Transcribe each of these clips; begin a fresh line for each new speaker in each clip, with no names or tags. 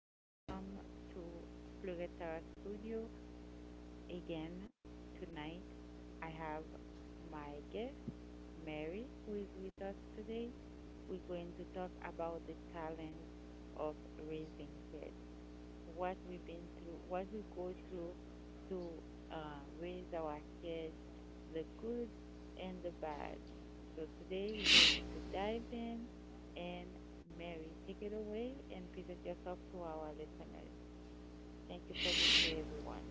welcome to Floretta Studio again tonight. I have my guest Mary who is with us today. We're going to talk about the challenge of raising kids. What we've been through, what we go through to raise our kids, the good and the bad. So today we're going to dive in and Mary, take it away and present yourself to our listeners. Thank you for being here, everyone.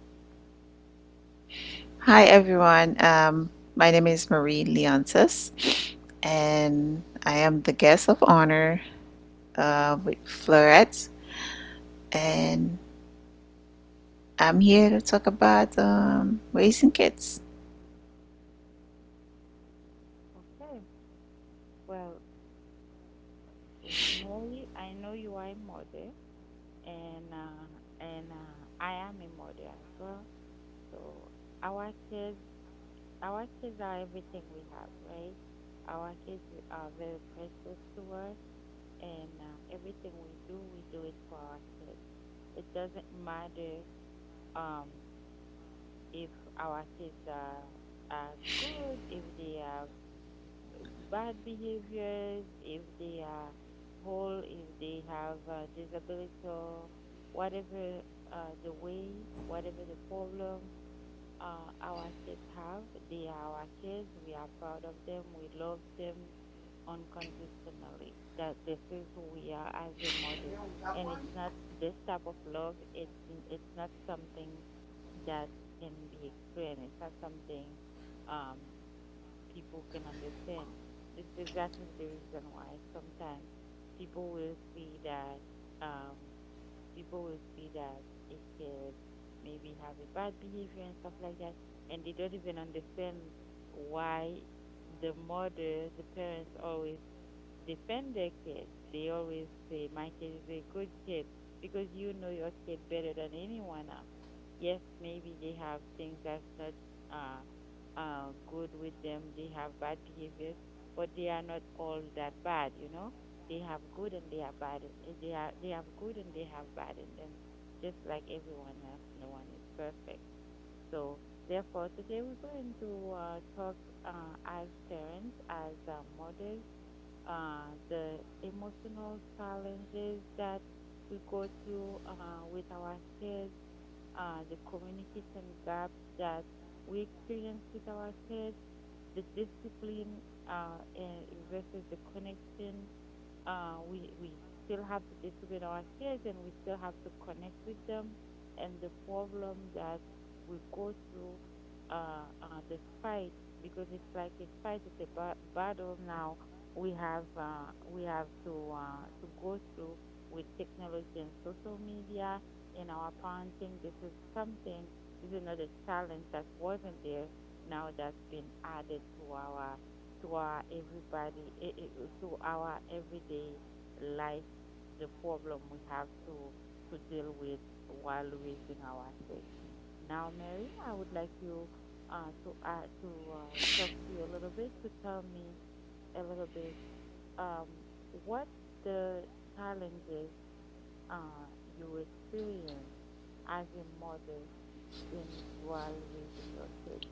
Hi everyone. My name is Marie Leontis, and I am the guest of honor with Florette, and I'm here to talk about raising kids.
Okay. Well, Mary, I know you are a mother, and I am a mother as well. So our kids, our kids are everything we have, right? Our kids are very precious to us, and everything we do it for our kids. It doesn't matter. Um, if our kids are good, if they have bad behaviors, if they are whole, if they have a disability or whatever the way, whatever the problem, our kids have. They are our kids. We are proud of them. We love them unconditionally. That this is who we are as a mother. And it's not this type of love. It's not something that can be explained. It's not something um, people can understand. This is exactly the reason why sometimes people will see that. Um, the people will see that a kid maybe have a bad behavior and stuff like that, and they don't even understand why the mother, the parents always defend their kids. They always say, "My kid is a good kid because you know your kid better than anyone else." Yes, maybe they have things that's not good with them, they have bad behaviors, but they are not all that bad, you know? They have good and they are bad. They have good and they have bad in them, just like everyone else. No one is perfect. So therefore, today we're going to talk as parents, as mothers, the emotional challenges that we go through with our kids, the communication gaps that we experience with our kids, the discipline and versus the connection we still have to distribute our kids, and we still have to connect with them, and the problem that we go through, the fight because it's like a fight, it's a battle now. We have to go through with technology and social media in our parenting. This is something. This is another challenge that wasn't there now that's been added to our everybody eh, eh, eh, to our everyday life, the problem we have to deal with while raising our kids. Now, Mary, I would like you to talk to you a little bit to tell me a little bit, um, what the challenges uh, you experience as a mother in while raising your kids.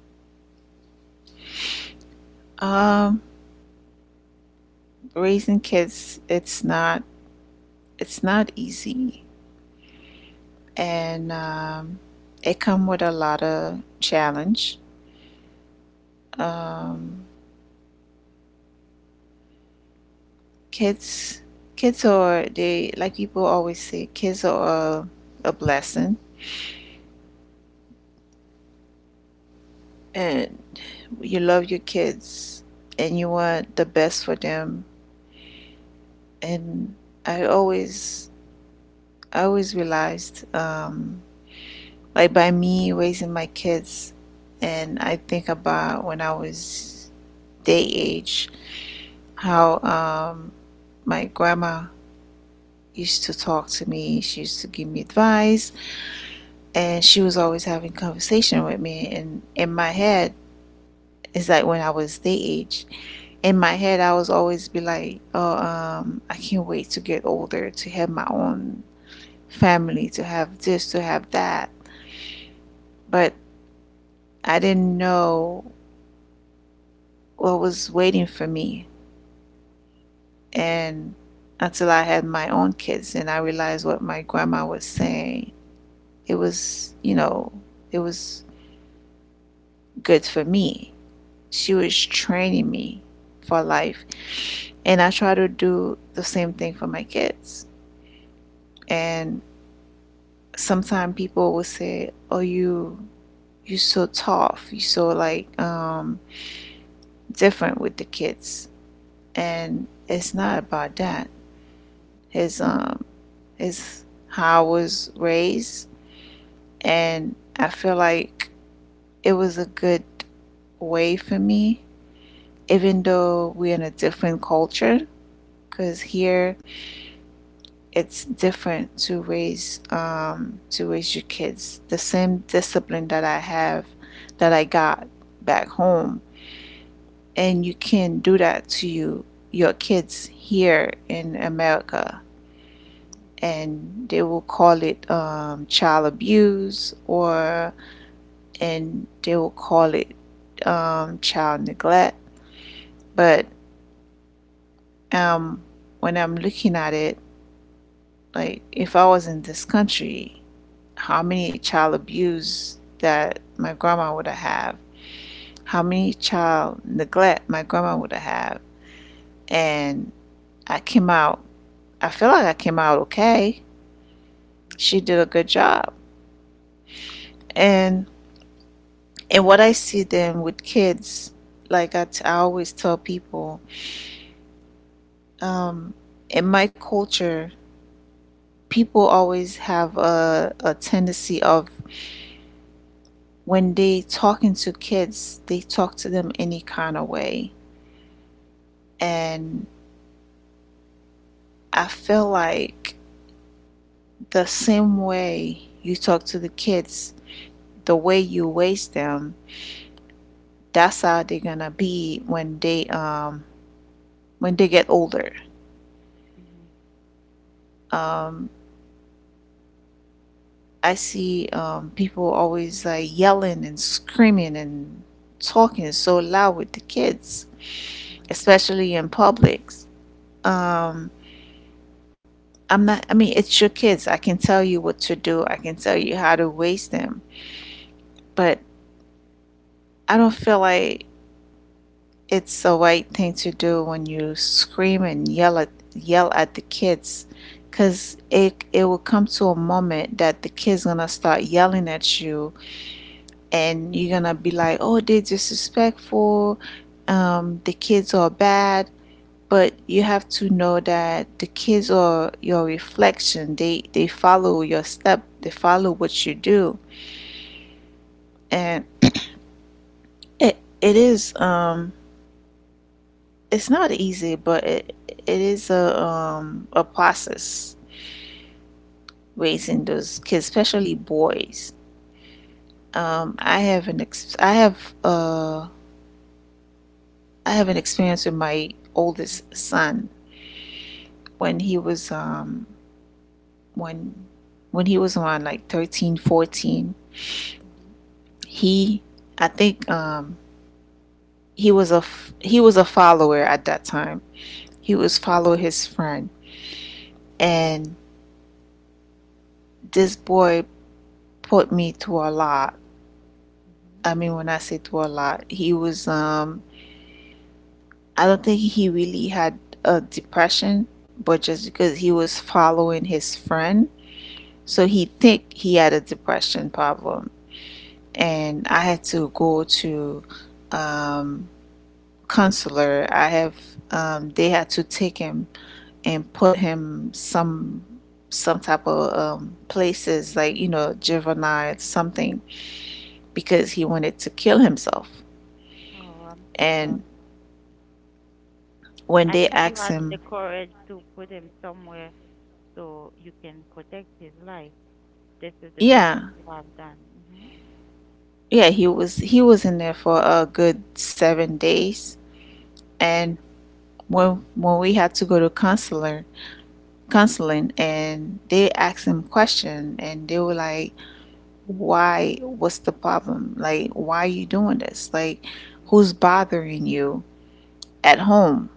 Um, Raising kids, it's not easy, and it come with a lot of challenge. Um, kids, Kids are, they like people always say, kids are a blessing, and you love your kids and you want the best for them. And i always I always realized, like, by me raising my kids, and I think about when I was their age, how, my grandma used to talk to me, she used to give me advice, and she was always having conversation with me. And in my head, it's like when I was their age, in my head I was always be like, oh, I can't wait to get older to have my own family, to have this, to have that. But I didn't know what was waiting for me. And until I had my own kids, and I realized what my grandma was saying, it was, you know, it was good for me. She was training me for life.
Mm-hmm.
And I try to do the same thing for my kids. And sometimes people will say, "Oh, you so tough, you so like different with the kids," and it's not about that. It's, it's how I was raised, and I feel like it was a good way for me, even
Mm-hmm.
though we're in a different culture. Because here it's different to raise your kids. The same discipline that I have, that I got back home, and you can do that to you, your kids
Mm-hmm.
here in America,
Mm-hmm.
and they will call it child abuse, or, and they will call it child neglect. But um, when I'm looking at it, like, if I was in this country, how many child abuse that my grandma would have, how many child neglect my grandma would have. And I came out, I feel like I came out okay.
Mm-hmm.
She
Mm-hmm.
did a good job. And and what I see them with kids, like I always tell people, um, in my culture, people always have a tendency of, when they talking to kids, they talk to them any kind of way. And I feel like the same way you talk to the kids, the way you raise them, that's how they're gonna be when they get older.
Mm-hmm.
Um, I see people always like yelling and screaming and talking so loud with the kids,
Mhm,
especially in publics. Um, I'm not, I mean, it's your kids. I can tell you what to do, I can tell you how to raise them, but I don't feel like it's the right thing to do when you scream and yell at the kids, because it will come to a moment that the kids gonna start yelling at you, and you're gonna be like, oh, they're disrespectful, the kids are bad. But you have to know that the kids are your reflection. They follow your step. They follow what you do. And it is, it's not easy, but it is a process raising those kids, especially boys. Um, I have an ex- I have uh I have an experience with my oldest
mhm,
son. When he was when when he was around like 13, 14,
mhm,
he, I think, he was a he was a follower at that time. He was
mhm,
follow his friend, and this boy put me through a lot.
mhm,
I mean, when I say through a lot, he was I don't think he really had a depression, but just because he was following his friend, so
mhm,
he think he had a depression problem. And I had to go to um, counselor. I have they had to take him and put him some type of places, like, you know, juvenile
mhm.
something, because he wanted to kill himself.
Oh, I'm so
And
sorry.
when
At
they
least you
asked
had the
him,
courage to put him somewhere so you can protect his life. This is the best
yeah,
you have done. Mhm,
yeah, he was in there for a good 7 days. And when we had to go to counselor counseling, and they asked him question, and they were like, why, what's the problem, like, why are
mhm,
you doing this, like, who's bothering you at home?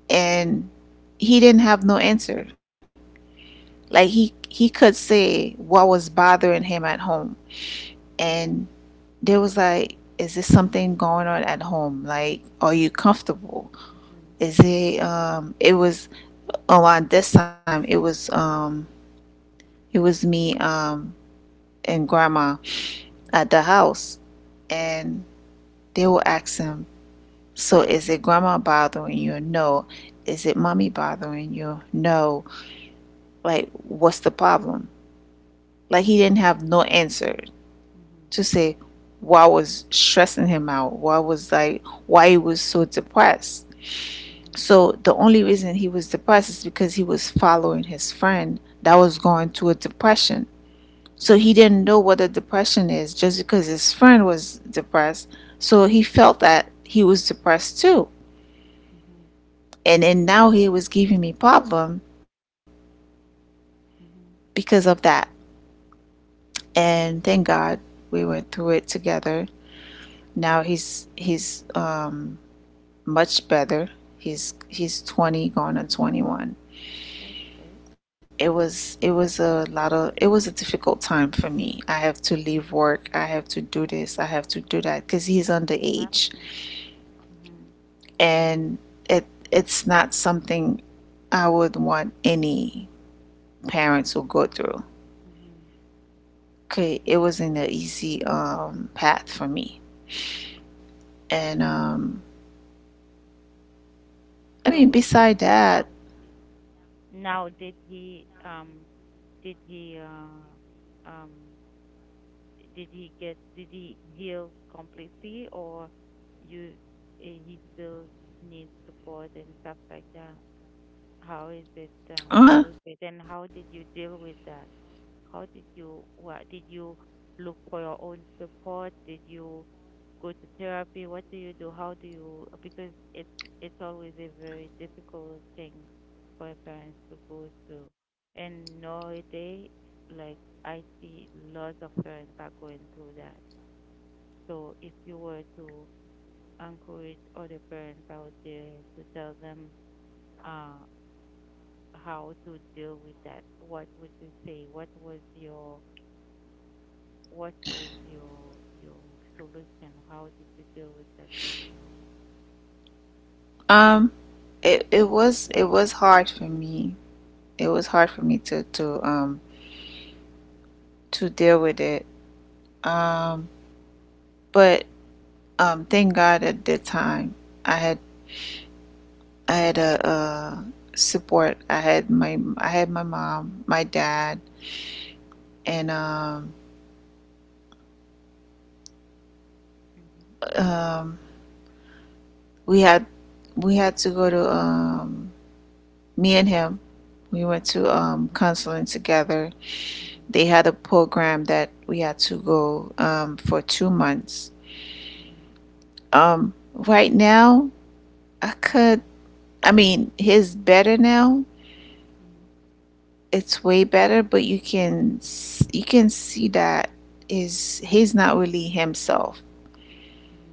mhm,
And he didn't have no answer. Like, he could say what was bothering him at home. And there was like, is this something going on at home, like, are you comfortable?
mhm,
Is it um it was around this time, it was me and grandma
mhm,
at the house. And they will ask him, so is it grandma bothering you? No. Is it mommy bothering you? No. Like, what's the problem? Like, he didn't have no answer
mhm,
to say what was stressing him out, what was like, why he was so depressed.
mhm,
So the only reason he was depressed is because he was following his friend that was going through a depression.
mhm,
So he
mhm,
didn't know what a depression is, just because his friend was depressed. So he felt that he was depressed too.
mhm, mhm,
And then now he was giving me problem
mhm.
because of that. And thank God we went through it together. Now he's much better. He's 20, going on 21.
That's good.
It was a lot of, it was a difficult time for me. I have to
Mhm.
leave work. I have to do this. I have to do that, because
I
he's
can
underage.
imagine. Mhm,
And it it's not something I would want any parents to go through.
mhm.
Okay, it wasn't an easy path for me, and I mean,
So did
beside that,
now. Now, did he did he uh um did he get did he heal completely, or you he still needs support and stuff like that? How is it? How is
uh,
it? And how did you deal with that? How did you, look for your own support? Did you go to therapy? What do you do? How do you? Because it's always a very difficult thing for a parents to go through, and nowadays, like, I see lots of parents are going through that. So if you were to encourage other parents out there to tell them uh, how to deal with that, what would you say? What was your your solution? How did you deal with that personally?
um, it was hard for me. It was hard for me to deal with it. Um, but thank God, at the time, I had I had a support. I had my mom, my dad, and
Mm-hmm.
um we had we had to go to me and him. We went to counseling together.
Mm-hmm.
They had a program that we had to go for 2 months.
Mhm,
Right now, I
mm,
could. I mean, he's better now.
mhm,
It's way better, but you can see that is he's not really himself.
mhm,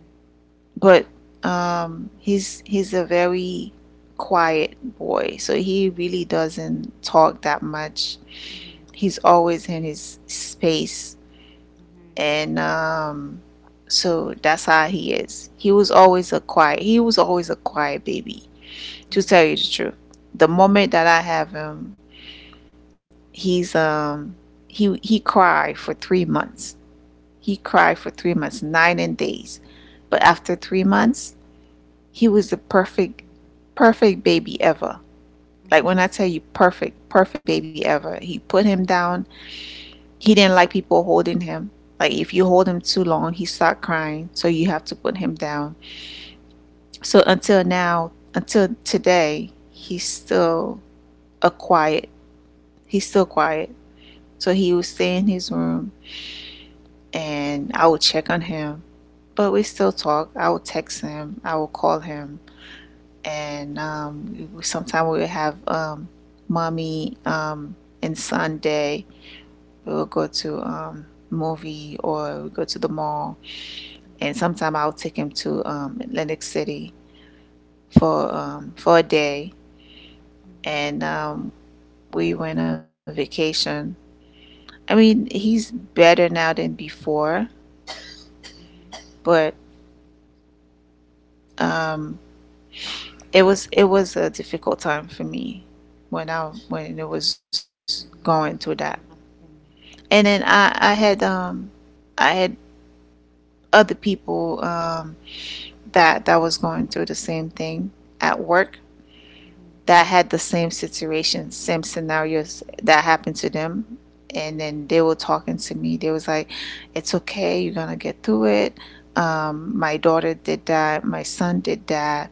But he's a very quiet boy, so he really doesn't talk that much.
mhm,
He's always in his space.
mhm,
And so that's how he is, he was always a quiet baby, to
mhm,
tell you the truth. The
mhm,
moment that I have him, he's um he cried for 3 months. He cried for 3 months 9 and days. But after 3 months, he was the perfect baby ever.
mhm,
Like,
mhm,
when I tell you, perfect perfect baby ever, he put him down. He didn't like people holding him. Like, if you hold him too long, he start crying, so you have to put him down. So until now, until today, he's still a quiet. He's still quiet. So he would stay in his room, and I would check on him. But we still talk. I would text him. I would call him, and
mhm,
sometimes we would have mommy and Sunday. We would go to movie, or we go to the mall, and sometimes I'll take him to Atlantic City for a day,
mhm,
and we went on vacation. I mean, he's better now than before, but um, it was a difficult time for me, when I when it was going through
mhm,
that.
mhm, mhm. Imagine.
And then I had I had other people that that was going through the same thing at work,
Mhm,
that had the same situation, same scenarios that happened to them. And then they were talking to me. They was like, "It's okay. You're gonna get through
mm,
it." My daughter did that. My son did that.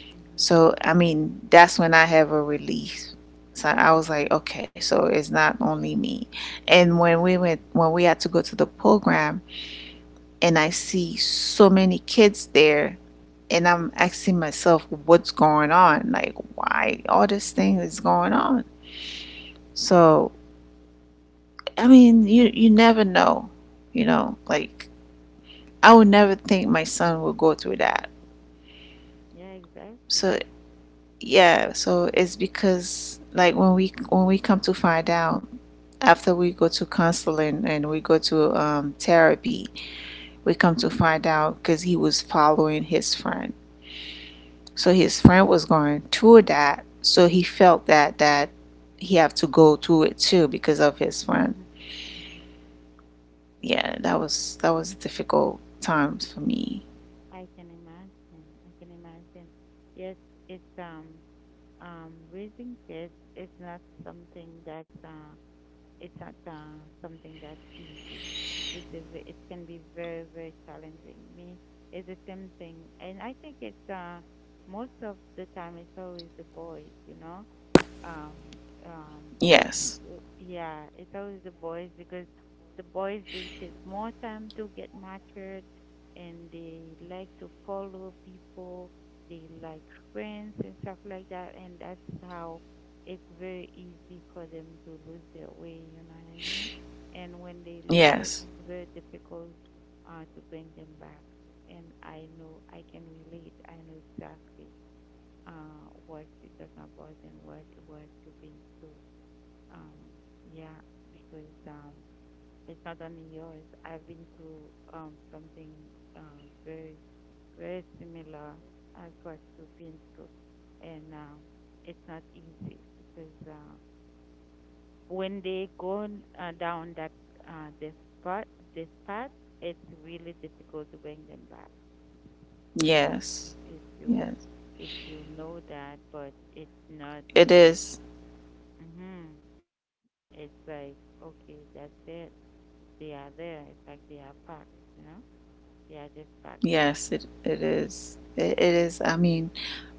mhm,
So I mean, that's when I have a release. So I was like, okay, so it's not only me. And when we had to go to the program, and I see so many kids there,
mhm,
and
mhm,
I'm asking myself, what's going on, like,
mhm,
why all this thing is going on. So I mean, you never know, you
mhm.
know. Like, I would never think my son would go through that.
Yeah, exactly.
So yeah. So it's because, like, when we come to find out, after we go to counseling and we go to
Mhm,
therapy, we come to find out, because he was following his friend. So his friend was going through that. So he felt that he have to go through it too because of his
mhm,
friend.
mhm.
Yeah, that was difficult times for me.
I can imagine. I can imagine. Yes, it's raising kids is not something that's It's not something that's easy. It is. It can be very, very challenging. Me, it's the same thing, and I think it's most of the time it's always the boys. You know, um, um,
Yes.
Yeah, it's always the boys because the boys they take more time to get matured and they like to follow people, they like friends and stuff like that, and that's how it's very easy for them to lose their way, you know what I mean? And when they lose it,
Yes.
it's very difficult to bring them back. And I know I can relate. I know exactly what you're talking about and what you've been through. Um, yeah, because it's not only yours. I've been through something very, very similar as what you've been through, and it's not easy because when they go down that this path, path, it's really difficult to bring them back. I don't know
Yes. Yes.
if you know that, but it's not
It
like.
is.
Mm-hmm. It's like, okay, that's it. They are there. It's like they are packed, you know? They are just packed there.
Yes, it is. It is. I mean,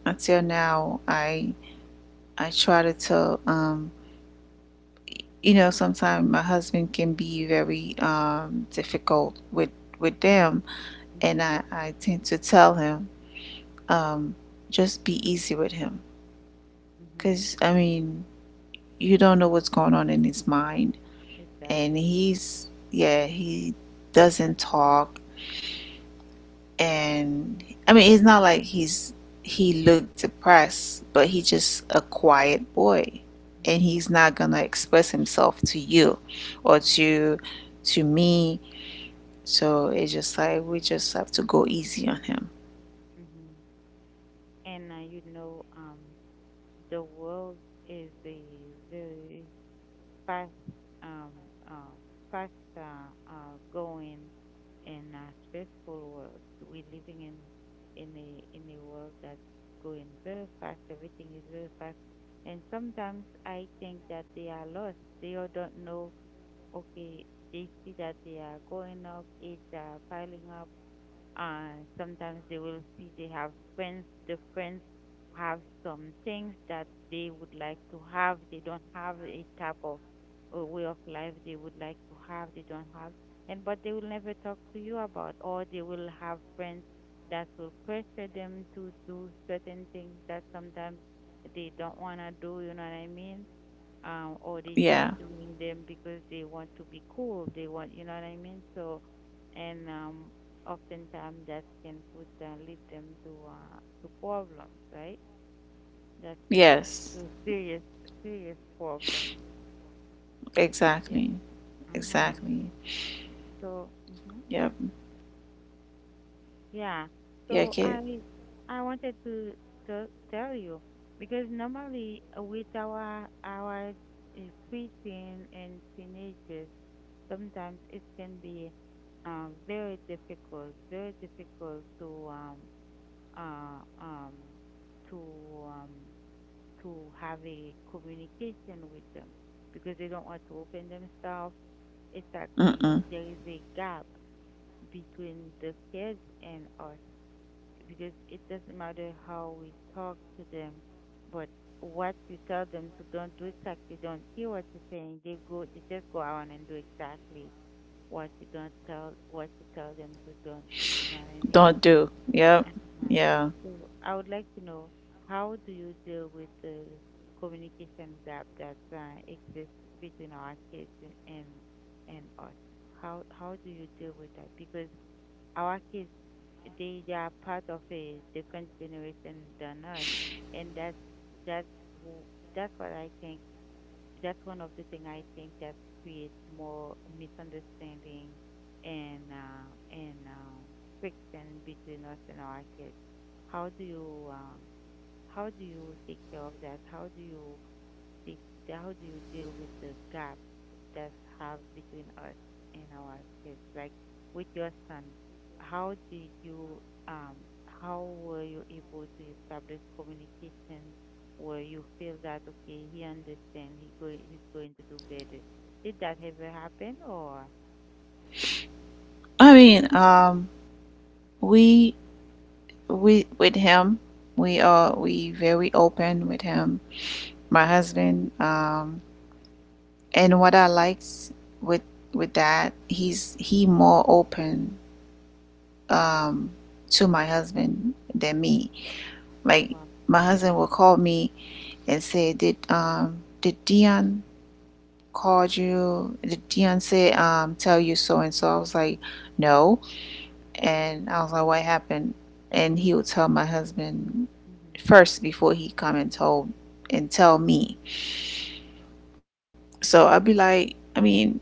until now I try to tell you know sometimes my husband can be very difficult with them
Mm-hmm.
and I tend to tell him um, just be easy with him
Mm-hmm.
because I mean you don't know what's going on in his mind and
Exactly.
he's yeah he doesn't talk and I mean it's not like he's he looked depressed but he's just a quiet boy
Mm-hmm.
and he's not gonna express himself to you or
Mm-hmm.
to me so it's just like we just have to go easy on him.
Mm-hmm. And you know, the world is a very fast, um, uh, fast going, and a stressful world. We're living in in a world that's going very fast. Everything is very fast, and sometimes I think that they are lost. They all don't know, okay, they see that they are going up, age are piling up, and sometimes they will see they have friends. The friends have some things that they would like to have. They don't have a type of a way of life they would like to have. They don't have, and but they will never talk to you about, or they will have friends that will pressure them to do certain things that sometimes they don't wanna do. You know what I mean? Or they
Yeah.
just doing them because they want to be cool. They want, you know what I mean? So, and oftentimes that can put lead them to to problems, right? That can lead them
Yes.
to serious, serious problems. Yeah.
Exactly.
Uh-huh.
Exactly.
So,
Yep.
yeah.
Yeah,
So
kid.
I wanted to tell you because normally with our preteen and teenagers, sometimes it can be very difficult to uh, um, to um, to have a communication with them because they don't want to open themselves. It's like we
Mm-mm.
there is a gap between the kids and us because it doesn't matter how we talk to them, but what you tell them to don't do, it's like they don't hear what you're saying. They go, they just go out and do exactly what you tell them to don't do, you know what I
Don't
mean?
do. Yep.
Uh-huh.
Yeah.
So I would like to know, how do you deal with the communication gap that exists between our kids and us? How do you deal with that? Because our kids, they are part of a different generation than us, and that's who, that's what I think, that's one of the thing I think that creates more misunderstanding and friction between us and our kids. How do you uh, how do you take care of that? How do you think deal with the gap that have between us and our kids? Like, with your son, how did you um how were you able to establish communication where you feel that, okay, he understand, he's going to do better? Did that ever happen, or
I mean, we with him, we are we very open with him. My husband. And what I liked with that, he's he
Mm.
more open um to my husband than me. Like
Well,
my husband will call me and say, did Dion called you? Did Dion say tell you so and so?" I was like, "No." And I was like, what happened? And he would tell my husband
mhm,
first before he come and told and tell me. So I'd be like, I mean,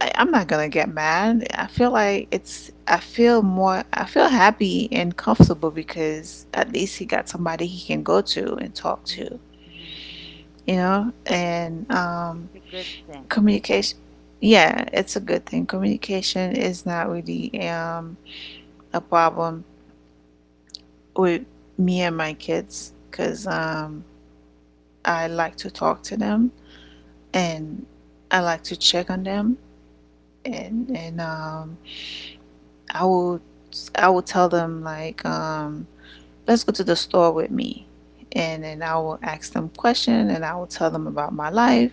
I, I'm not gonna get mad. I feel
mhm,
like it's I feel more I feel happy and comfortable because at least he got somebody he can go to and talk to,
mhm, mhm, mhm,
you know? And
it's a good thing.
communication yeah, it's a good thing. Communication is not really a problem with me and my kids because I like to talk to them and I like to check on them and I will I will tell them like let's go to the store with me, and then I will ask them questions and I will tell them about my life,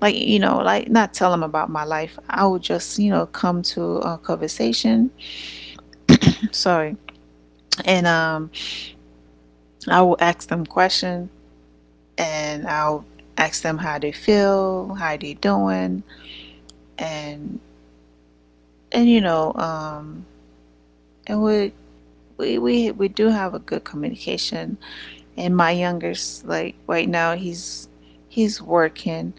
like you know, like not tell them about my life, I will just you know come to a conversation. Sorry. And I will ask them questions and I'll ask them how they feel, how they doing, and and you know, um, and we do have a good communication. And my youngest, like right now, he's working.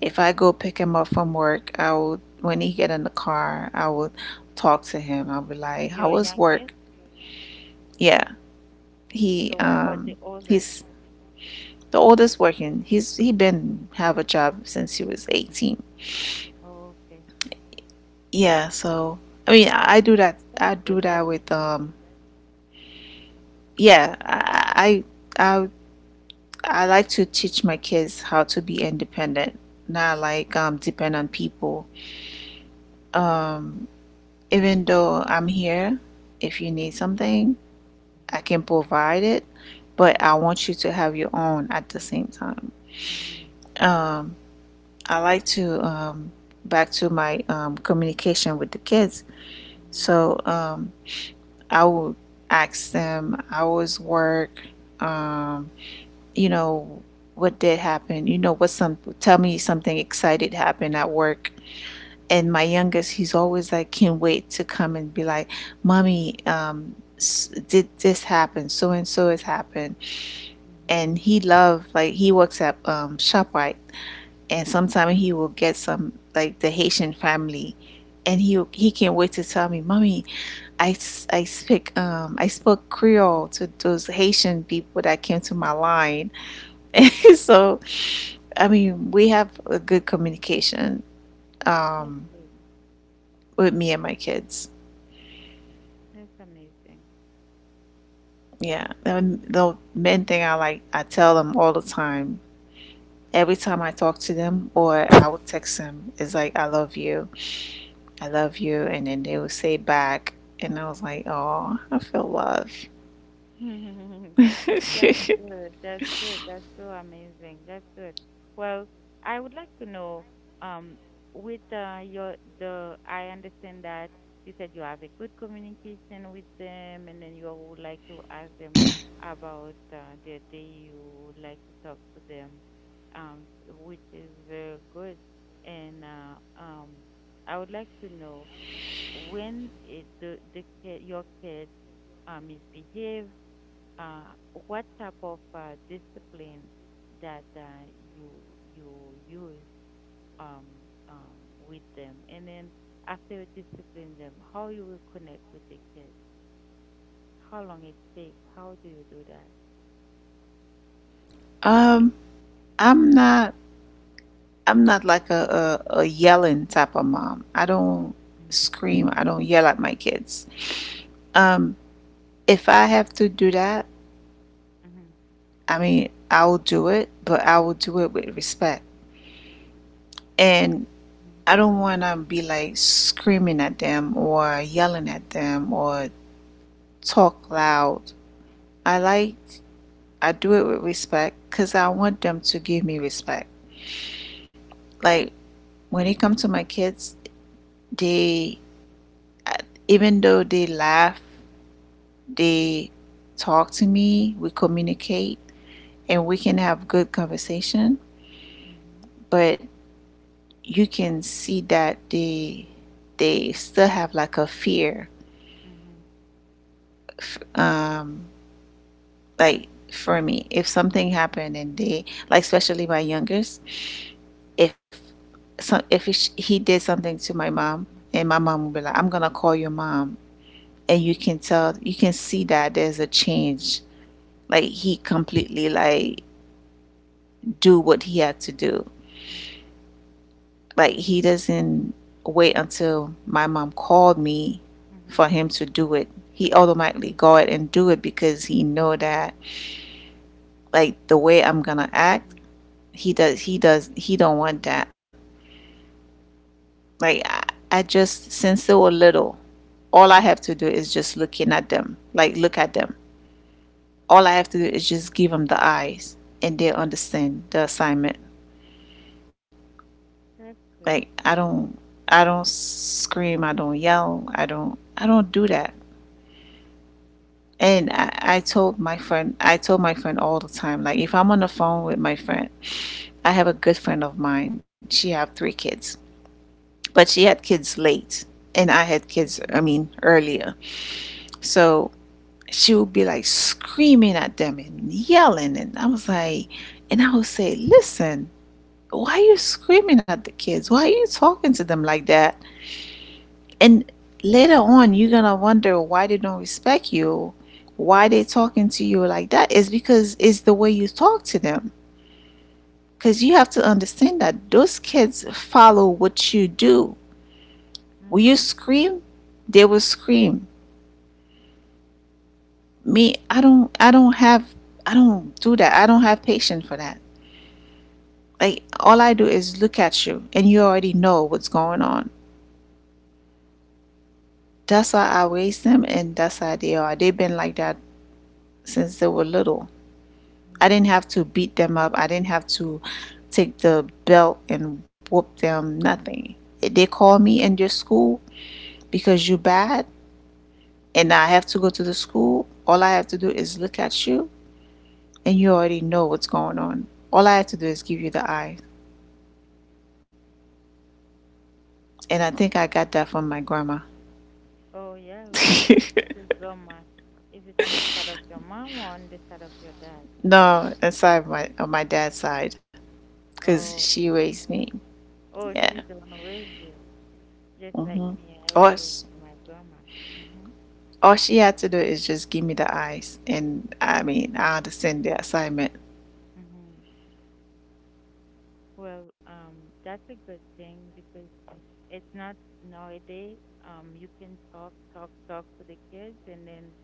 If
Mm-hmm.
I go pick him up from work, I will. When he get in the car, I will talk to him. I'll be like, "How
You're
was work?"
youngest,
Yeah, he
so what about
um
the oldest?
he's the oldest working. He's he been have a job since he was 18.
Oh, okay.
Yeah, so I mean, I do that. I
That's
do
good.
that
That's
with. Yeah, I I, I like to teach my kids how to be independent, not like depend on people. Um, even though I'm here, if you need something, I
Mhm,
can provide it, but I
mhm,
want you to have your own at the same time.
mhm,
Um, I like to back to my communication with the kids.
mhm,
So I would ask them hours work, um, you know, what did happen, you know, what some, tell me something excited happened at work. And my youngest, he's always like, can't wait to come and be like, mommy, s- did this happen? So and so has happened. And
mhm,
he loved, like, he works at ShopRite, and sometimes he will get some, like, the Haitian family. And he can't wait to tell me, mommy, I, I speak I spoke Creole
mhm,
to those Haitian people that came to my
mhm.
line. So I mean we have a good communication
That's
um
great.
with me and my kids.
That's amazing.
Yeah. And the main thing I like I tell them all the time. Every time I talk to them or I would text them, it's like I love you. I love you, and then they would say back, and I was like, "Oh, I feel love."
That's good. That's good. That's so amazing. That's good. Well, I would like to know, um, with your the I understand that you said you have a good communication with them, and then you would like to ask them about the day, you would like to talk to them, which is very good. And um, I would like to know when it, the kid, your kid misbehaves, uh, what type of discipline that you you use with them, and then after you discipline them, how you will connect with the kids, how long it takes, how do you do that?
um I'm not like a yelling type of mom. I don't
Mm-hmm.
scream. I don't yell at my kids. Um, if I have to do that,
Mm-hmm.
I mean, I'll do it, but I will do it with respect. And I don't want to be like screaming at them or yelling at them or talk loud. I like, I do it with respect because I
Mm-hmm.
want them to give me respect. Like when it comes to my kids, they, even though they laugh, they talk to me, we communicate, and we can have good conversation. But you can see that they still have like a fear.
Mm-hmm.
Um, like for me, if something happened and they like, especially my youngest, if so, if he, did something to my mom, and my mom would be like, "I'm gonna call your mom," and you can tell, you can see that there's a change. Like he completely like do what he had to do.
Mm-hmm.
Like he doesn't wait until my mom called me for
Mm-hmm.
him to do it. He automatically go ahead and do it because he know that like the way I'm gonna act, he don't want that. Like I just since they were little, all I
Mm-hmm.
have to do is just looking at them. Like look at them. All I have to do is just give them the eyes, and they understand the assignment.
That's
Like
good.
I don't scream, I don't yell, I don't do that. And
That's
I told my friend, I told my friend all the time, like if I'm on the phone with my friend, I have a good friend of mine. She have three kids, but she had kids late, and I had kids. I
Mm-hmm.
mean earlier. So she would be like screaming at them and yelling, and I was like, and I would say, listen. Why are you screaming at the kids? Why are you talking to them like that? And later on you're gonna wonder why they don't respect you, why they talking to you like that, is because it's the way you talk to them, because you have to understand that those kids follow what you do. Will you
Mm-hmm.
scream, they will scream. Me, I don't have, I don't do that, I don't have patience for that. Like all I do is look at you, and you already know what's going on. That's how I raise them, and that's how they are. They've been like that since they were little. I didn't
Mm-hmm.
have to beat them up. I didn't have to take the belt and whoop them. Nothing. They call me in your school because you're bad, and I have to go to the school. All I have to do is look at you, and you already know what's going on. All I have to do is give you the eye, and I think I got that from my grandma.
Oh, yeah, really? Which which grandma? Is it on the side of your mom or on the side of your dad?
No, inside my on my dad's side, because
Oh,
she
okay.
raised me.
Oh,
Yeah.
she's the one who raised you. Just like
Mm-hmm.
me, I was raised
Us.
by my grandma. Mm-hmm.
All she had to do is just give me the eyes, and I mean, I understand the assignment.
Mm-hmm. Well, that's a good thing because it's not nowadays. You can talk, talk, talk to the kids, and then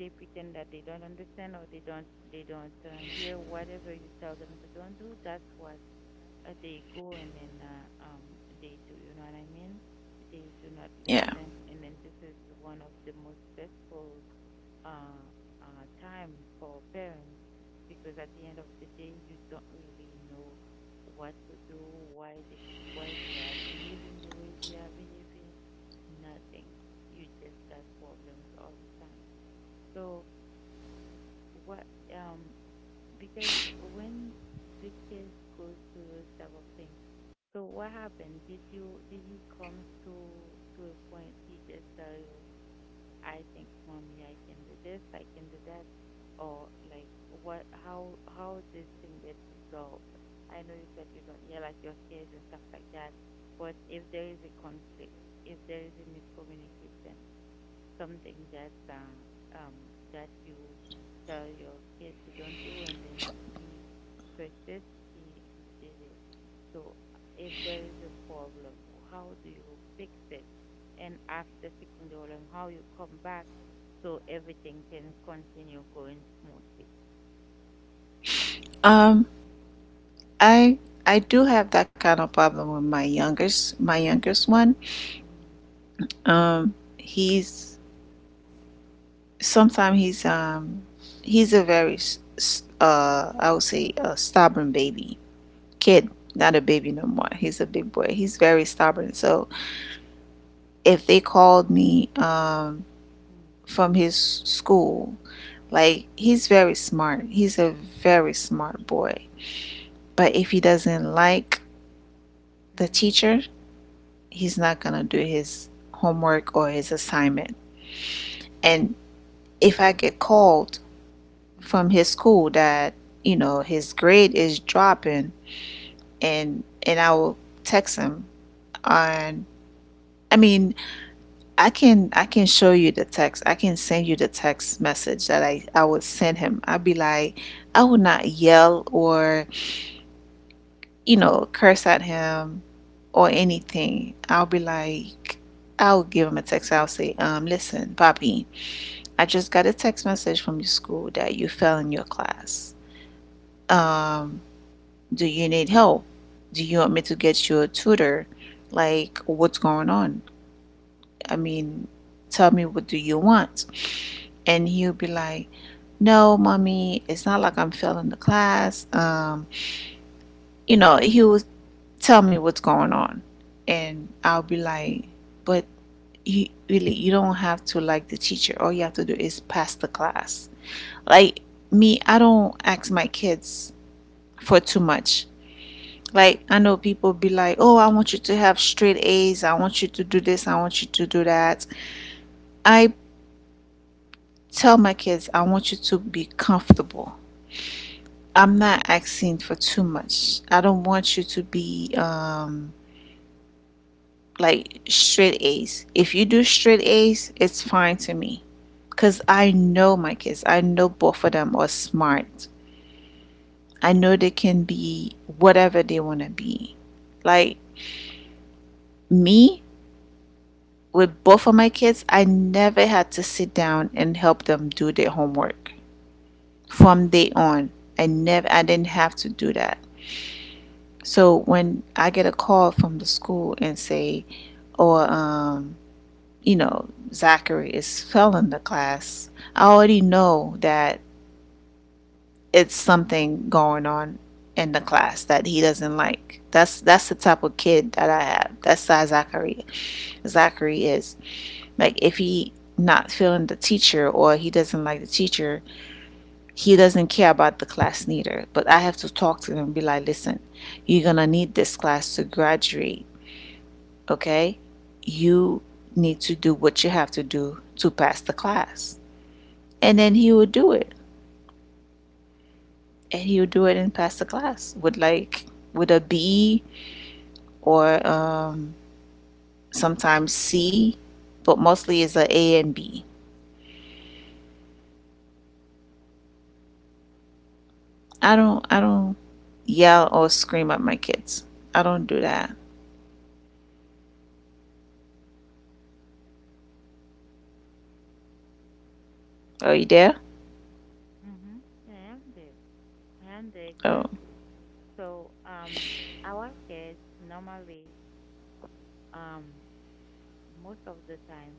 they pretend that they don't understand, or they don't hear whatever you tell them to don't do. That's what, they go, and then they do, you know what I mean? They do not
Yeah.
listen, and then this is one of the most stressful uh time for parents, because at the end of the day you don't really know what to do, why they why they are behaving the way they are behaving. Nothing, you just got problems all the time. So what um because when the kids goes through those type of things, so what happened? Did he come to a point he just tell you, I think, mommy, I can do this, I can do that? Or like what, how this thing get resolved? I know you said you don't yell at your kids and stuff like that, but if there is a conflict, if there is a miscommunication, something that you tell your kid to don't do, and then he persists. He did it. So if there is a problem, how do you fix it? And after fixing the problem, how you come back so everything can continue going smoothly.
Um, I I do have that kind of problem with my youngest one.
Mhm.
He's sometimes he's a very I would say a stubborn baby kid, not a
Mhm.
baby no more. He's a big boy. He's very stubborn. So if they called me from his school. Like, he's very smart. He's a very smart boy. But if he doesn't like the
Mhm.
teacher, he's not going to do his homework or his assignment. And if I get called
Mhm.
from
Mhm.
his school that, you know, his grade is dropping, and I will text him on. I mean, I can show you the text. I can send you the text message that I would send him. I'd be like I would not yell or you know, curse at him or anything, I'll be like, I'll give him a text. I'll say, listen, Bobby, I just got a text message from your school that you fell in your class. Um, do you need help? Do you want me to get you a tutor? Like, what's going on? I mean, tell me, what do you want? And he'll be like, no, mommy, it's not like I'm failing the class. You know, he will tell me what's going on. And I'll be like, but you really, you don't have to like the teacher. All you have to do is pass the class. Like me, I don't ask my kids for too much. Like I know people be like, oh, I want you to have straight A's. I want you to do this. I want you to do that. I tell my kids, I want you to be comfortable. I'm not asking for too much. I don't want you to be like straight A's. If you do straight A's, it's fine to me. Because I know my kids, I know both of them are smart. I know they can be whatever they want to be. Like me, with both of my kids, I never had to sit down and help them do their homework. From day on, I didn't have to do that. So when I get a call from the school and say, or um, Zachary is failing the class, I already know that it's something going on in the class that he doesn't like. That's the type of kid that I have. That's how Zachary is. Like if he not feeling the teacher or he doesn't like the teacher, he doesn't care about the class neither. But I have to talk to him and be like, listen, you're gonna need this class to graduate, okay? You need to do what you have to do to pass the class. And then he would do it and pass the class with a b or sometimes c, but mostly it's a and b. I don't yell or scream at my kids. I don't do that. Are you there?
Mhm. Yeah, I am there. I am there
Oh,
exactly. So, um, our kids normally, Um, most of the time,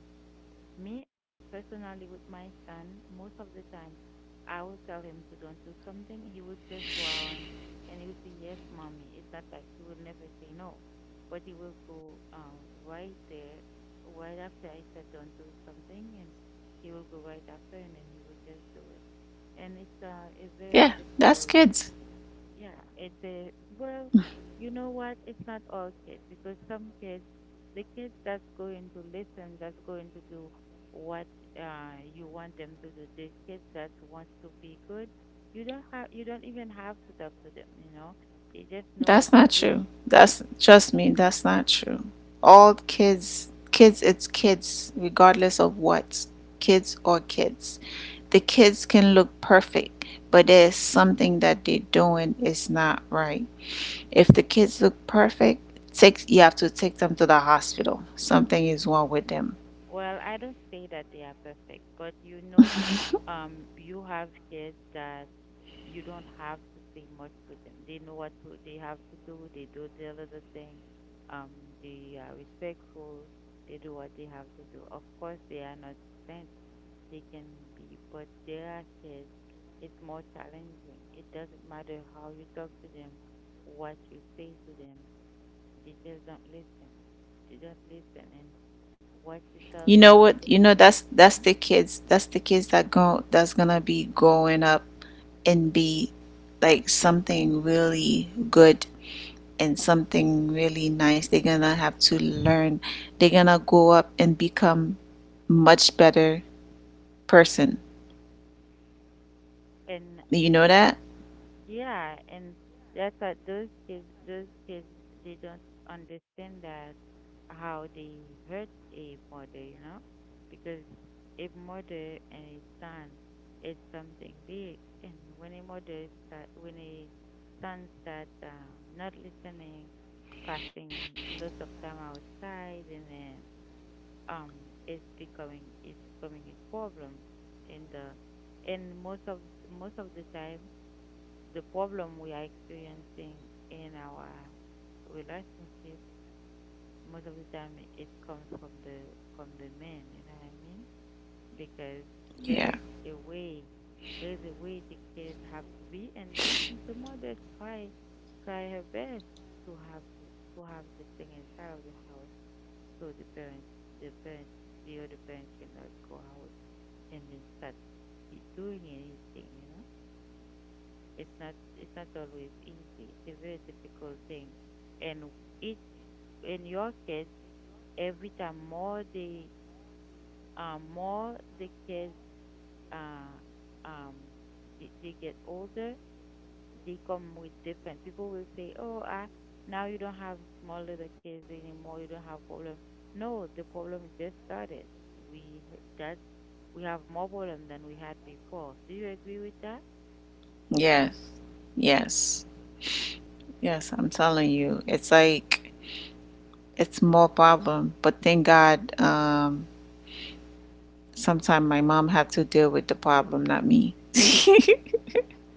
me personally with my son, most of the time, I will tell him to don't do something. He would just go around, and he would say, yes, mommy. It's not like he will never say no, but he will go, right there, right after I said don't do something, and he will go right after, and then he will just do it. And it's, a very
yeah, that's
difficult.
kids.
Yeah, it's a well, you know what? It's not all kids, because some kids, the kids that's going to listen, that's going to do what you want them to do, the kids that want to be good, you don't even have to talk to them, you know. They just know what
That's
to
not
do.
true. That's Trust me, that's not true. All kids, it's kids, regardless of what, kids or kids. The kids can look perfect, but there's something that they're doing is not right. If the kids look perfect, take you have to take them to the hospital. Something is wrong with them.
Well, I don't say that they are perfect, but you know, you have kids that you don't have to say much to them. They know they have to do. They do their little thing. Um, they are respectful. They do what they have to do. Of course, they are not saints. They can be, but there are says it's more challenging. It doesn't matter how you talk to them, what you say to them. They just don't listen. They don't listen, and what you tell
You know
them
what?
to do.
That's
Hmm.
the kids. That's the kids that go that's gonna be growing up and be like something really good and something really nice. They're gonna have to learn. They're gonna
Hmm.
go up and become much better person.
And
You know that?
Yeah, and that's what those kids, they don't understand that, how they hurt a mother, you know, because a mother and a son is something big, and when a son start not listening, passing lots of time outside, and then, um, it's becoming a problem in the, and most of the time, the problem we are experiencing in our relationship, most of the time, it comes from the men, you know what I mean? Because there is
Yeah.
a way there is a way the kids have to be, and the mother try her best to have the thing inside of the house, so the parents the other parent cannot go out and then start, doing anything, you know. It's not always easy. It's a very difficult thing. And it in your case, every time more the kids uh, um they get older, they come with different people will say, oh, ah, now you don't have small little kids anymore, you don't have problem. No, the problem just started. We that we have more problem than we had before. Do you agree with that?
Yes. Yes. Yes. I'm telling you, it's like it's more problem. But thank God, sometimes my mom had to deal with the problem, not me.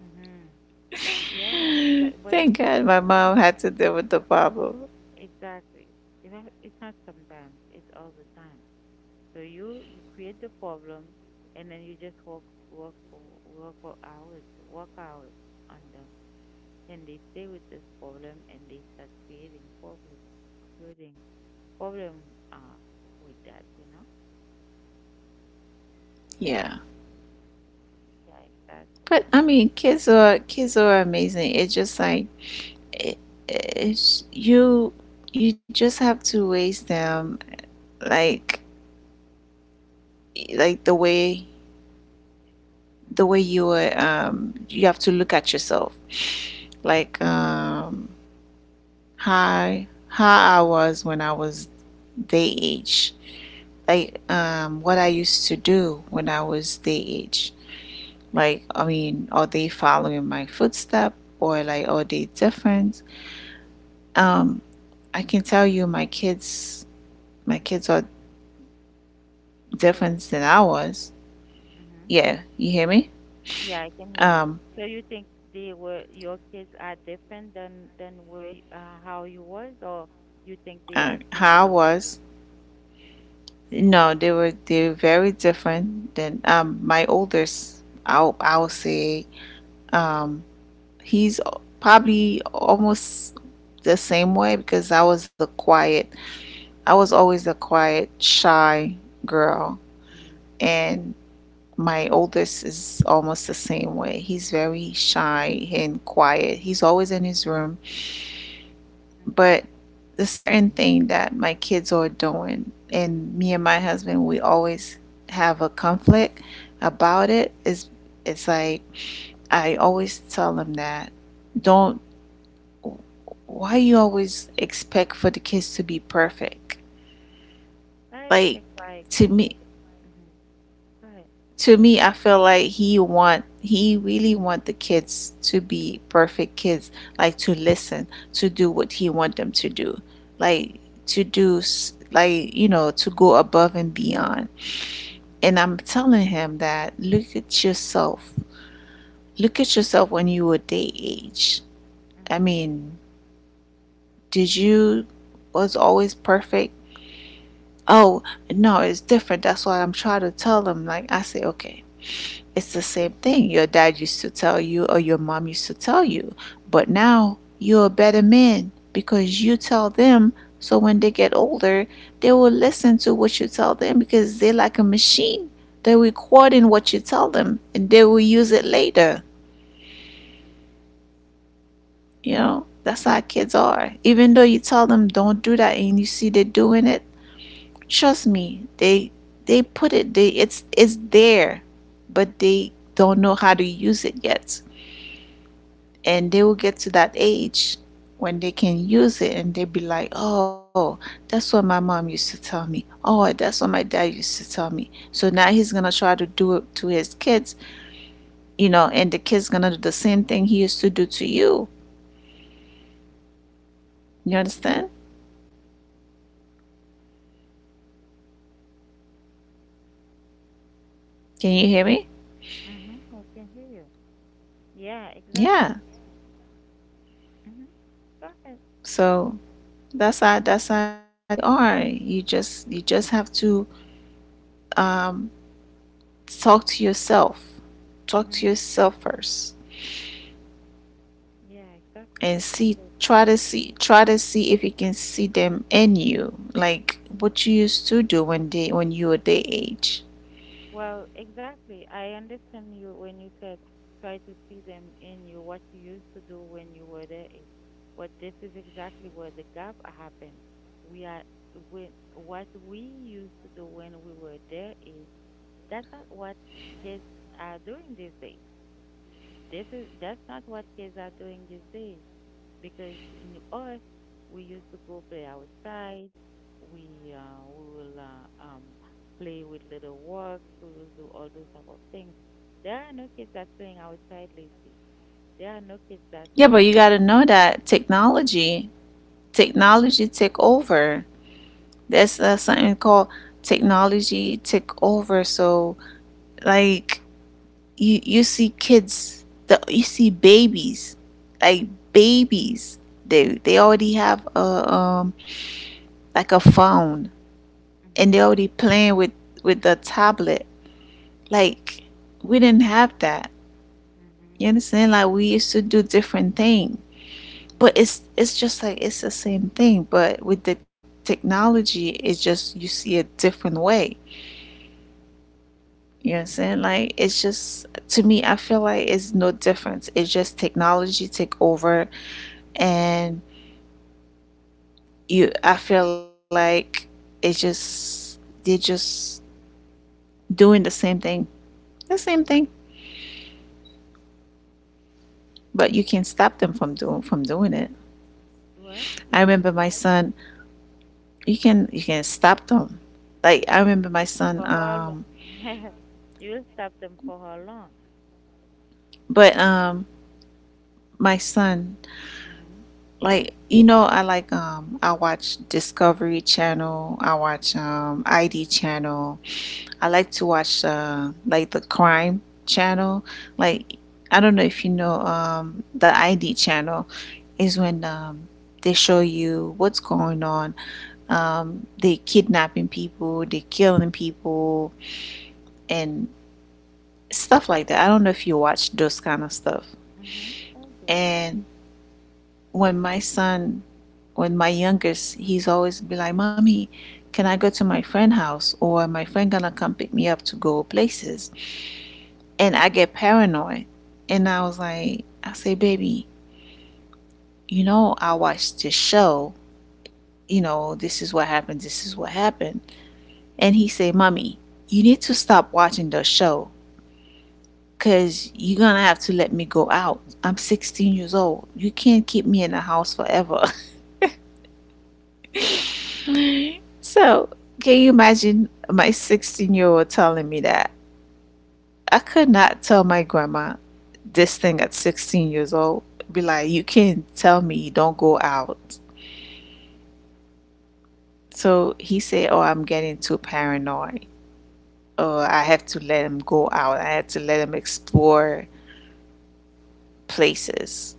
Mm-hmm. Yeah, exactly. But it's
Thank
not
God, my
sometimes.
mom had to deal with the problem.
Exactly. Even it's not sometimes, it's all the time. So you create the problem, and then you just work for hours, work out on them. Then they stay with this problem, and they start creating problem, creating problem uh with that, you know?
Yeah.
Yeah, exactly.
But I mean, kids are amazing. It's just like it, it's you just have to raise them like like the way
Hmm.
you are. You have to look at yourself, like um how I was when I was their age, what I used to do when I was their age. Like, I mean, are they following my footstep, or like are they different? um I can tell you my kids, my kids are
Hello?
difference than I was.
Hmm.
Yeah, you hear me?
Yeah, I can hear you.
Um,
So you think, they were your kids are different than how you was, or you think they are
how I
similar to you?
was. No, they were very different than my oldest. I'll say um he's probably almost the same way because I was always a quiet, shy girl,
Mhm.
and my oldest is almost the same way. He's very shy and quiet. He's always in his room,
Mhm.
but the certain thing that my kids are doing and me and my husband we always have a conflict about it is it's like I always tell them that don't, why you always expect for the kids to be perfect?
I don't
Like,
think so. I
to
take for
me
that. Mhm. Go ahead.
to
Sorry.
me I feel like he really want the
Mhm.
kids to be perfect kids, like to listen, to do what he want them to do, like to do like you know, to go above and beyond.
Mhm.
And I'm telling him that look at yourself, when you were day age. I
Mhm.
mean, did you was always perfect? Oh no, it's different. That's why I'm trying to tell him, like I say, okay, it's the same thing your dad used to tell you or your mom used to tell you, but now you're a better man because you tell them. So when they get older, they will listen to what you tell them because they're like a machine. They're
Mhm.
recording what you tell them and they will use it later. You know, that's how kids are. Even though you tell them don't do that and you see they're doing it, trust me, they put it they it's there, but they don't know how to use it yet. And they will get to that age when they can use it and they'll be like, oh, that's what my mom used to tell me, oh, that's what my dad used to tell me, so now he's gonna try to do it to his kids, you know, and the kids gonna do the same thing he used to do to you. You understand? Can you hear me?
Mhm. I can hear you. Yeah, exactly.
Yeah.
Mhm. Go ahead.
So that's how they are. You just have to um, talk to yourself,
Mhm.
first,
Yeah, exactly
and
what you
see
said.
try to see try to see if you can see them in you, like what you used to do when they when you were their age.
Well, exactly. I understand you when you said, try to see them in you, what you used to do when you were their age. But this is exactly where the gap happened. We are when what we used to do when we were their age, that's not what kids are doing these days. This is that's not what kids are doing these days, because in us, we used to go play outside. We will play with little works. We will do all those type of things. There are no kids that's playing outside lately. There are no kids that
Yeah, but you
put
got to
the
know
kite
that
up.
technology take over. That's something called technology take over. So like you see kids the you see babies, like babies they already have a like a phone, and
Mm-hmm,
they already playing with the tablet. Like, we didn't have that.
mm-hmm,
You understand? Like, we used to do different things. But
mm-hmm.
it's just like it's the same thing, but with the technology it's just you see a different way. You know what I'm saying? Like, it's just to me I feel like it's no difference. It's just technology take over, and you I feel like it's just they're just doing the same thing. The same thing. But you can't stop them from doing it.
What?
I
You can,
remember my son You can stop them. Like, I remember my
for
son
how long? You will stop them for how long?
but my son,
Mm-hmm.
like, you know, I watch Discovery Channel, I watch ID Channel. I like to watch like the crime channel. Like, I don't know if you know the ID Channel is when they show you what's going on, they kidnapping people, they killing people and stuff like that. I don't know if you watch those kind of stuff.
Mm-hmm. Oh, yeah.
And when my son, when my youngest, he's always be like, "Mommy, can I go to my friend house or my friend gonna come pick me up to go places?" And I get paranoid. And I was like, "Baby, you know, I watched this show. You know, this is what happened. This is what happened." And he say, "Mommy, you need to stop watching the show because you're gonna have to let me go out. I'm 16 years old. You can't keep me in the house forever." So, can you imagine my 16-year-old telling me that? I could not tell my grandma this thing at 16 years old. Be like, you can't tell me you don't go out. So he said, oh, I'm getting too paranoid. Oh, I have to let him go out. I had to let him explore places.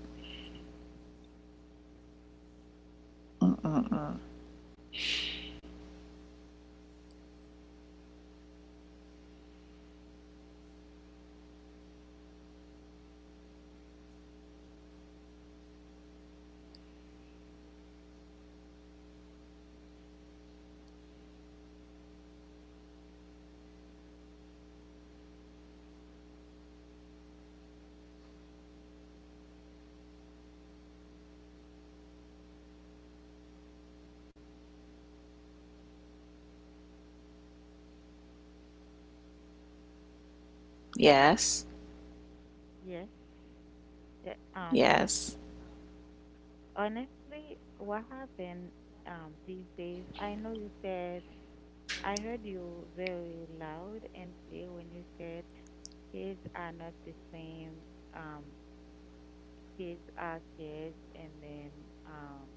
Mm-mm. Yes.
Yes. the- Um,
Yes.
honestly, what happened these days? I heard you very loud and clear when you said kids are not the same. Um, kids are kids, and then, um,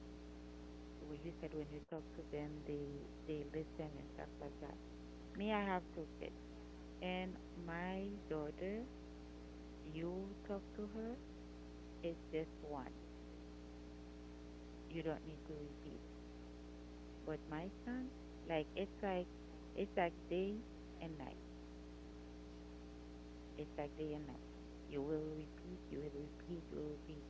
what you said, when you talk to them, they listen and stuff like that. Me, I have two kids, and my daughter, you talk to her, it's just one. You don't need to repeat. But my son, like it's like it's like day and night. It's like day and night. You will repeat, you will repeat, you will repeat.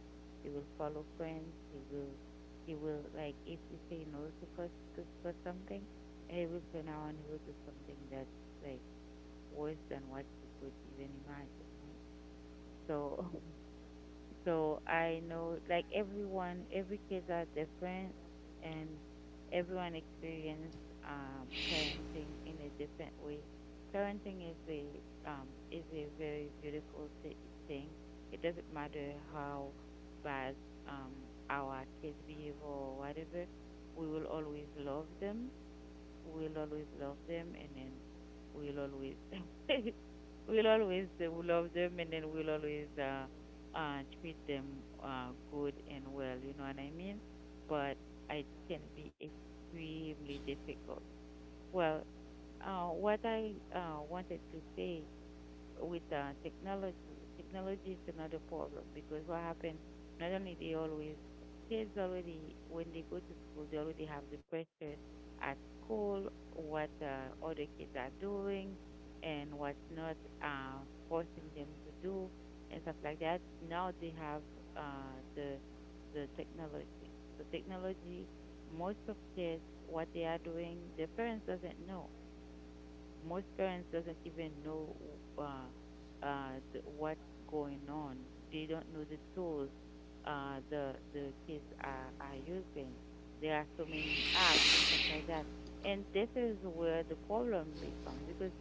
You will follow friends. You will He will, like, if you say no to for to for something, he will turn around, he will do something that's like worse than what you could even imagine, right? So I know, like, everyone, every kids are different, and everyone experience parenting in a different way. Parenting is a very beautiful thing. It doesn't matter how bad, our kids behave or whatever, we will always love them, and then we'll always we'll always love them, and then we'll always treat them good and well, you know what I mean? But it can be extremely difficult. Well, what I wanted to say with, technology. Technology is another problem, because what happens? Not only they always, kids already, when they go to school, they already have the pressure at school, what other kids are doing and what's not, uh, forcing them to do, and stuff like that. Now they have uh, the, the technology. So technology, most of kids, what they are doing, their parents doesn't know most parents doesn't even know uh, what's going on. They don't know the tools, the kids are using. There are so many apps and stuff like that, and this is where the problem becomes, because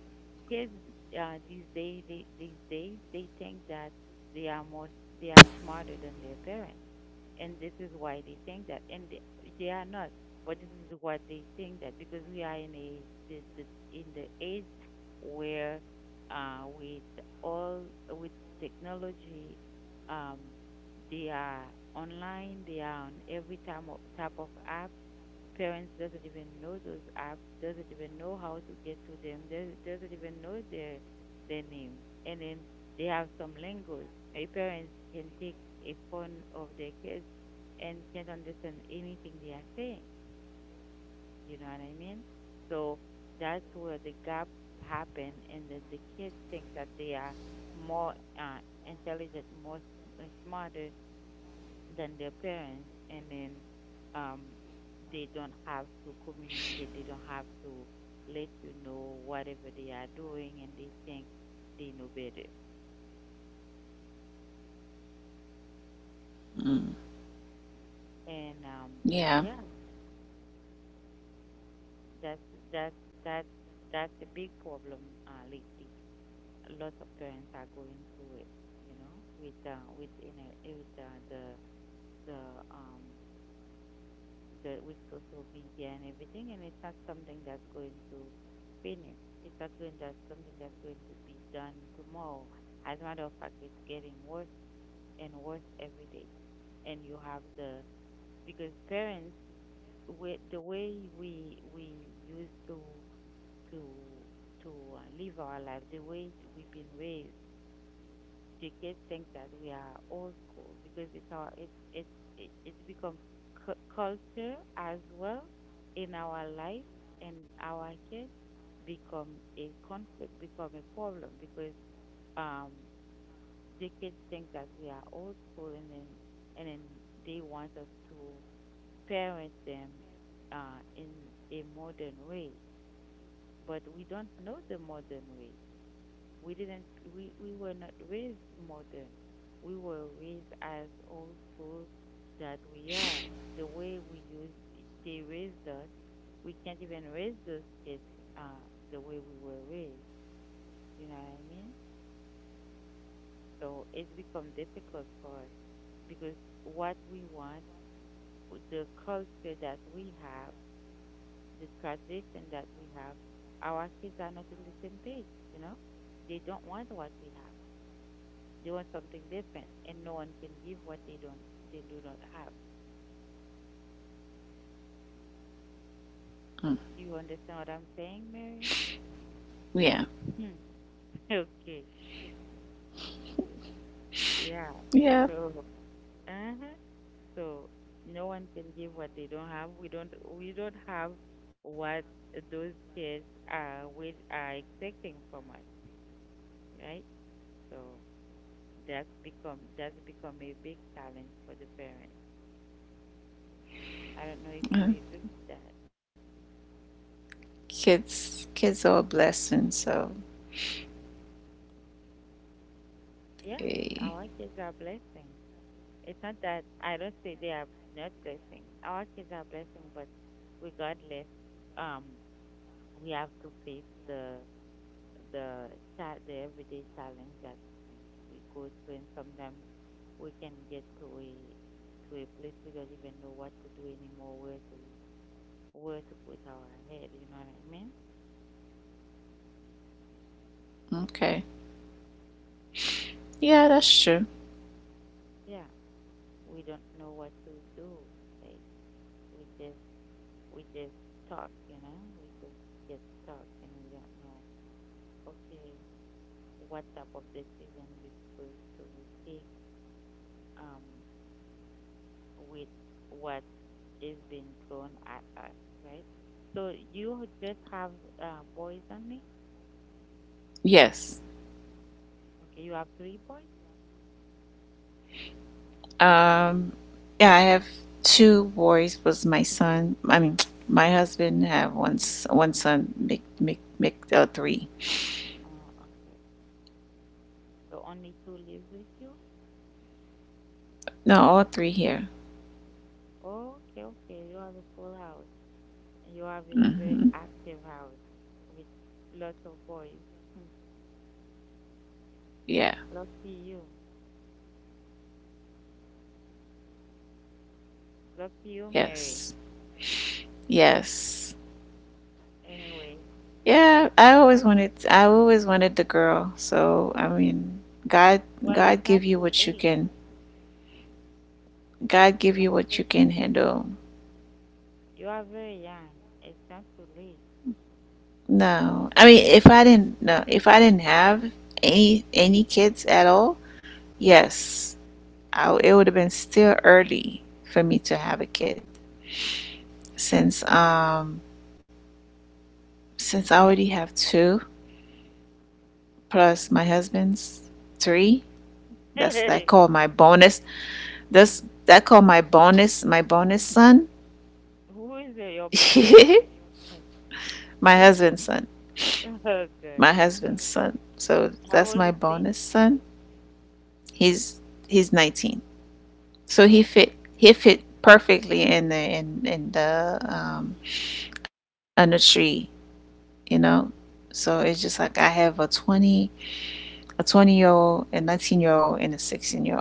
kids, these days, these days they think that they are more they are smarter than their parents, and this is why they think that, and they are not. But this is what they think, that because we are in the, the, in the age where, uh, with all with technology, um, they are online, they are on every time type of app, parents doesn't even know those apps, doesn't even know how to get to them, they doesn't even know their name. And then they have some language. A parent can take a phone of their kids and can't understand anything they are saying. You know what I mean? So that's where the gap happen, and then the kids think that they are more uh, intelligent, smarter than their parents, and then um they don't have to communicate, they don't have to let you know whatever they are doing, and they think they know better.
Mm.
And
Yeah.
yeah that's that's that's that's a big problem lately. A lot of parents are going through it, you know, with the um the with social media and everything, and it's not something that's going to finish. It's not going That's something that's going to be done tomorrow. As a matter of fact, it's getting worse and worse every day. And you have the, because parents, we, the way we used to to live our life, the way we've been raised, the kids think that we are old school, because it's our it's it, it's become culture as well in our life. And our kids, become a problem because um the kids think that we are old school, and then they want us to parent them in a modern way, but we don't know the modern way. We didn't, We were not raised modern. We were raised as old school that we are. The way they raised us, we can't even raise those kids uh, the way we were raised. You know what I mean? So it's become difficult for us because what we want, the culture that we have, the tradition that we have, our kids are not on the same page, you know? They don't want what we have. They want something different, and no one can give what they do not have.
Mm.
You understand what I'm saying, Mary?
Yeah.
Hmm. Okay. Yeah.
Yeah.
So, uh-huh. So no one can give what they don't have. We don't have what those kids are expecting from us, right? So that's become a big challenge for the parents. I don't know if
Uh,
we agree with that.
kids, kids are a blessing, so
Yeah,
eh,
our kids are blessing. It's not that I don't say they are not blessing. Our kids are blessing, but regardless, um, we have to face the the everyday challenge that we, we go through. And sometimes we can get to a place we don't even know what to do anymore, where to put our head. You know what I mean?
okay. Yeah, that's true.
Yeah, we don't know what to do. Like we just we just talk, you know, we just get stuck, and we don't know. Okay, what type of decision we're supposed to take um, with what is being thrown at us, right? So you just have boys only?
Yes.
Okay, you have three boys?
Um yeah, I have two boys was my son. I mean, my husband have one son, make three.
Oh, okay. So only two lives with you?
No, all three here.
Oh, okay, okay. You have a full house. You have a very
Mhm.
active house with lots of boys. Hmm.
Yeah.
Lucky you. Lucky you, Mary.
Yes. Yes.
Anyway, you know what?
I always wanted the girl. So, I mean, God
Well, it's
God give
not
you
too
what you
late.
can God
You
give
are
you what you
married.
can handle.
You are very young. It's not too late.
No, I mean, if I didn't, have any kids at all,
Mhm.
yes, I w it would have been still early for me to have a kid, since um since I already have two plus my husband's three. That's that call my bonus. That's
Mhm.
that call my bonus
Mm.
son.
Who is your bonus son? Uh,
My
Who is your
husband's
bonus?
son.
Oh, good.
So
How
that's
old
my
is they?
bonus son. He's he's 19. So
Okay.
he fit perfectly in the
Hmm.
under tree, you know. So it's just like I have a 20 year old, a 19 year old, and a 16 year old.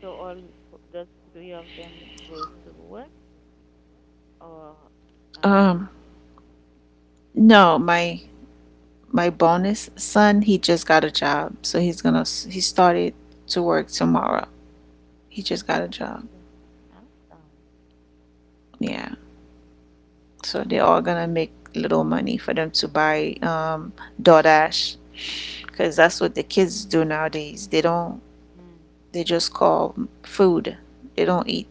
So the three of them goes to work, or um
Um, no, my my bonus son, he just got a job, so he started to work tomorrow. He just got a job.
okay. Awesome.
Yeah, so they're all gonna make little money for them to buy DoorDash, because that's what the kids do nowadays. They don't
Mm.
they just call food. They don't eat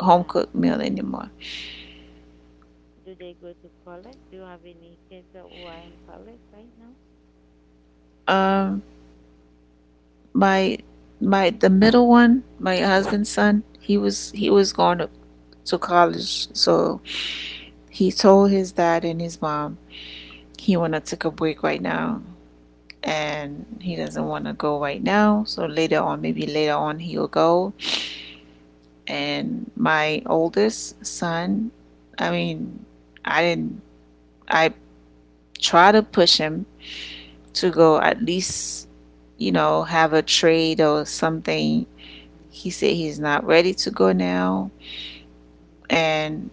home cooked meal anymore.
Do they go to college? Do you have any kids that who are in college right now?
Um, my my the middle one, my husband's son, he was going to college, so he told his dad and his mom he wanna take a break right now, and he doesn't wanna go right now. So later on, maybe later on, he will go. And my oldest son, I mean, I didn't I try to push him to go at least, you know, have a trade or something.
Mm-hmm.
He said he's not ready to go now.
Mm-hmm.
And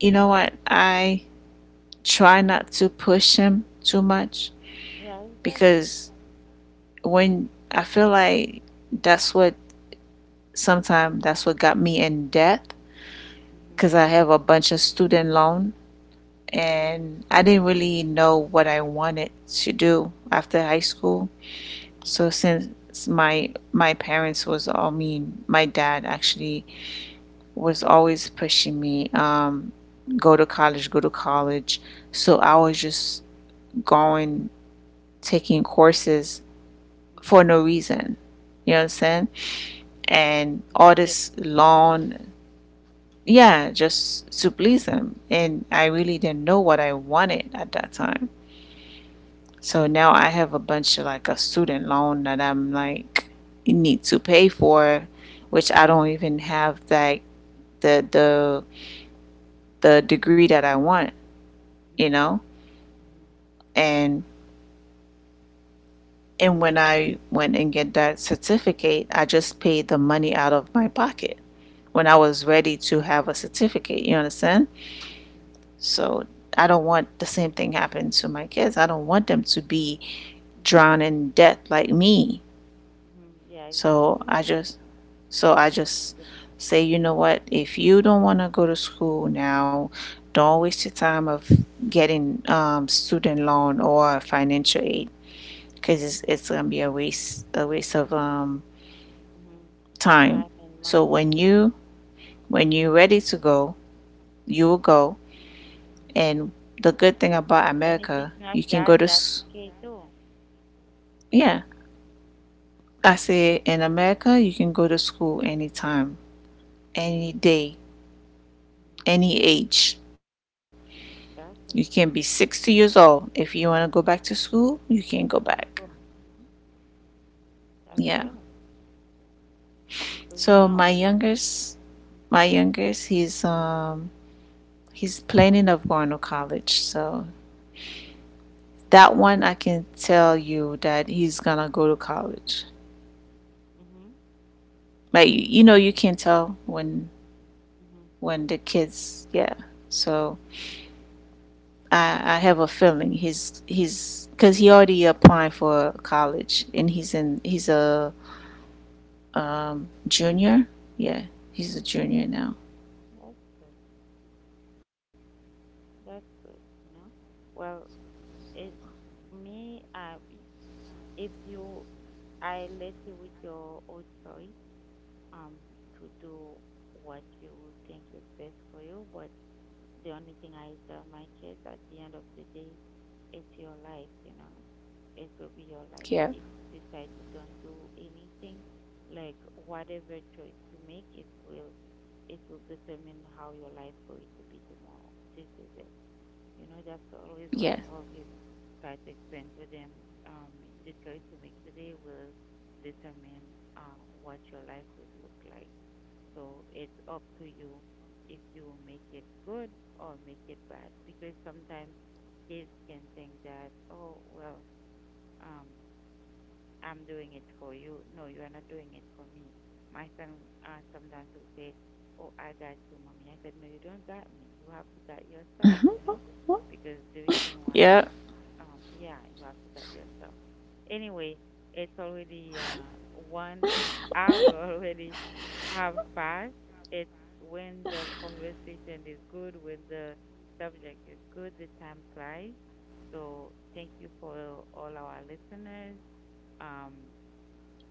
you know what? I try not to push him too much
Yeah, exactly.
because when I feel like that's what that's what got me in debt,
Mm-hmm.
because I have a bunch of student loan
Mm-hmm.
and I didn't really know what I wanted to do
Mm-hmm.
after high school. So
Mhm,
since my parents was all mean, my dad actually was
mhm,
always pushing me, go to college, go to college. So I was just going taking courses
mhm,
for no reason. You
mhm,
understand?
mhm.
And all
You just
this
need to please
long,
them.
yeah, just to please him. And I really didn't know what I wanted at that time.
Mhm,
So now I have a bunch of like a student loan that I'm like you need to pay for, which I don't even have like the the the degree that I want, you
mhm,
know?
mm, mhm,
And when I went and get that certificate, I just paid the money out of my pocket when I was ready to have a certificate, you understand?
mm,
So I don't want the same thing happen to my kids. I don't want them to be
mhm, mhm,
drowned in debt like me.
mhm. Yeah,
So
exactly.
I just So I just
Good point.
say, you know what, if you don't want to go to school now, don't waste your time of getting student loan or
Mhm,
financial aid, because it's gonna be a waste of
mhm.
time.
Time and
So
money.
when you, when you're ready to go, you will go.
Mhm.
And the good thing about
And if
America,
it's not
you can
that,
go to
that's
s-
okay too.
yeah, I say in America, you can go to school anytime, any day,
Mhm.
any age. You can be
Exactly.
60 years old. If you want to go back to school, you can go back.
That's good. Mhm. That's
Yeah.
fair. Because you
So
don't
my
want.
youngest,
Mhm,
my youngest, he's planning of going to college. So that one I can tell you that he's gonna go to college.
mhm,
But you know you can tell
mhm,
when the
mhm.
kids yeah. So I have a feeling he's because he already applied for college and he's a junior. Yeah, he's a junior now.
That's good. That's good. You know. Well, it me. If you I left you with your own choice um to do what you think is best for you. But the only thing I tell my kids at the end of the day, it's your life, you know. It will be your life.
Yeah,
If you decide to don't do anything, like whatever choice you make, it will determine how your life going to be tomorrow. This is it. You know, that's always what
yeah,
I always try to explain to them. The choice you make today will determine what your life will look like. So it's up to you if you make it good or make it bad. Because sometimes kids can think that, oh, well, um, I'm doing it for you. No, you are not doing it for me. My son sometimes will say, oh, I got you, mommy. I said, no, you don't got me. You have to got yourself, you know? Because the reason why,
yeah.
yeah, you have to got yourself. Anyway, it's already one hour already have passed. It's when the conversation is good, when the subject is good, the time flies. So thank you for all our listeners. Um,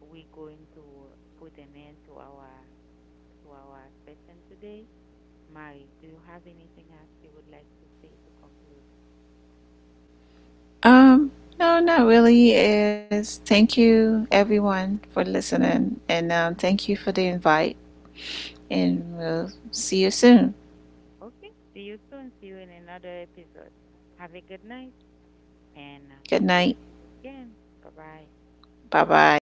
we're going to put an end to our session today. Mari, do you have anything else you would like to say to conclude?
Um, no, not really. He Is thank you everyone for listening, and thank you for the invite. And we'll see you soon.
Okay. See you soon. See you in another episode. Have a good night, and
Good
we'll
night.
see you again. Bye bye.
Bye bye.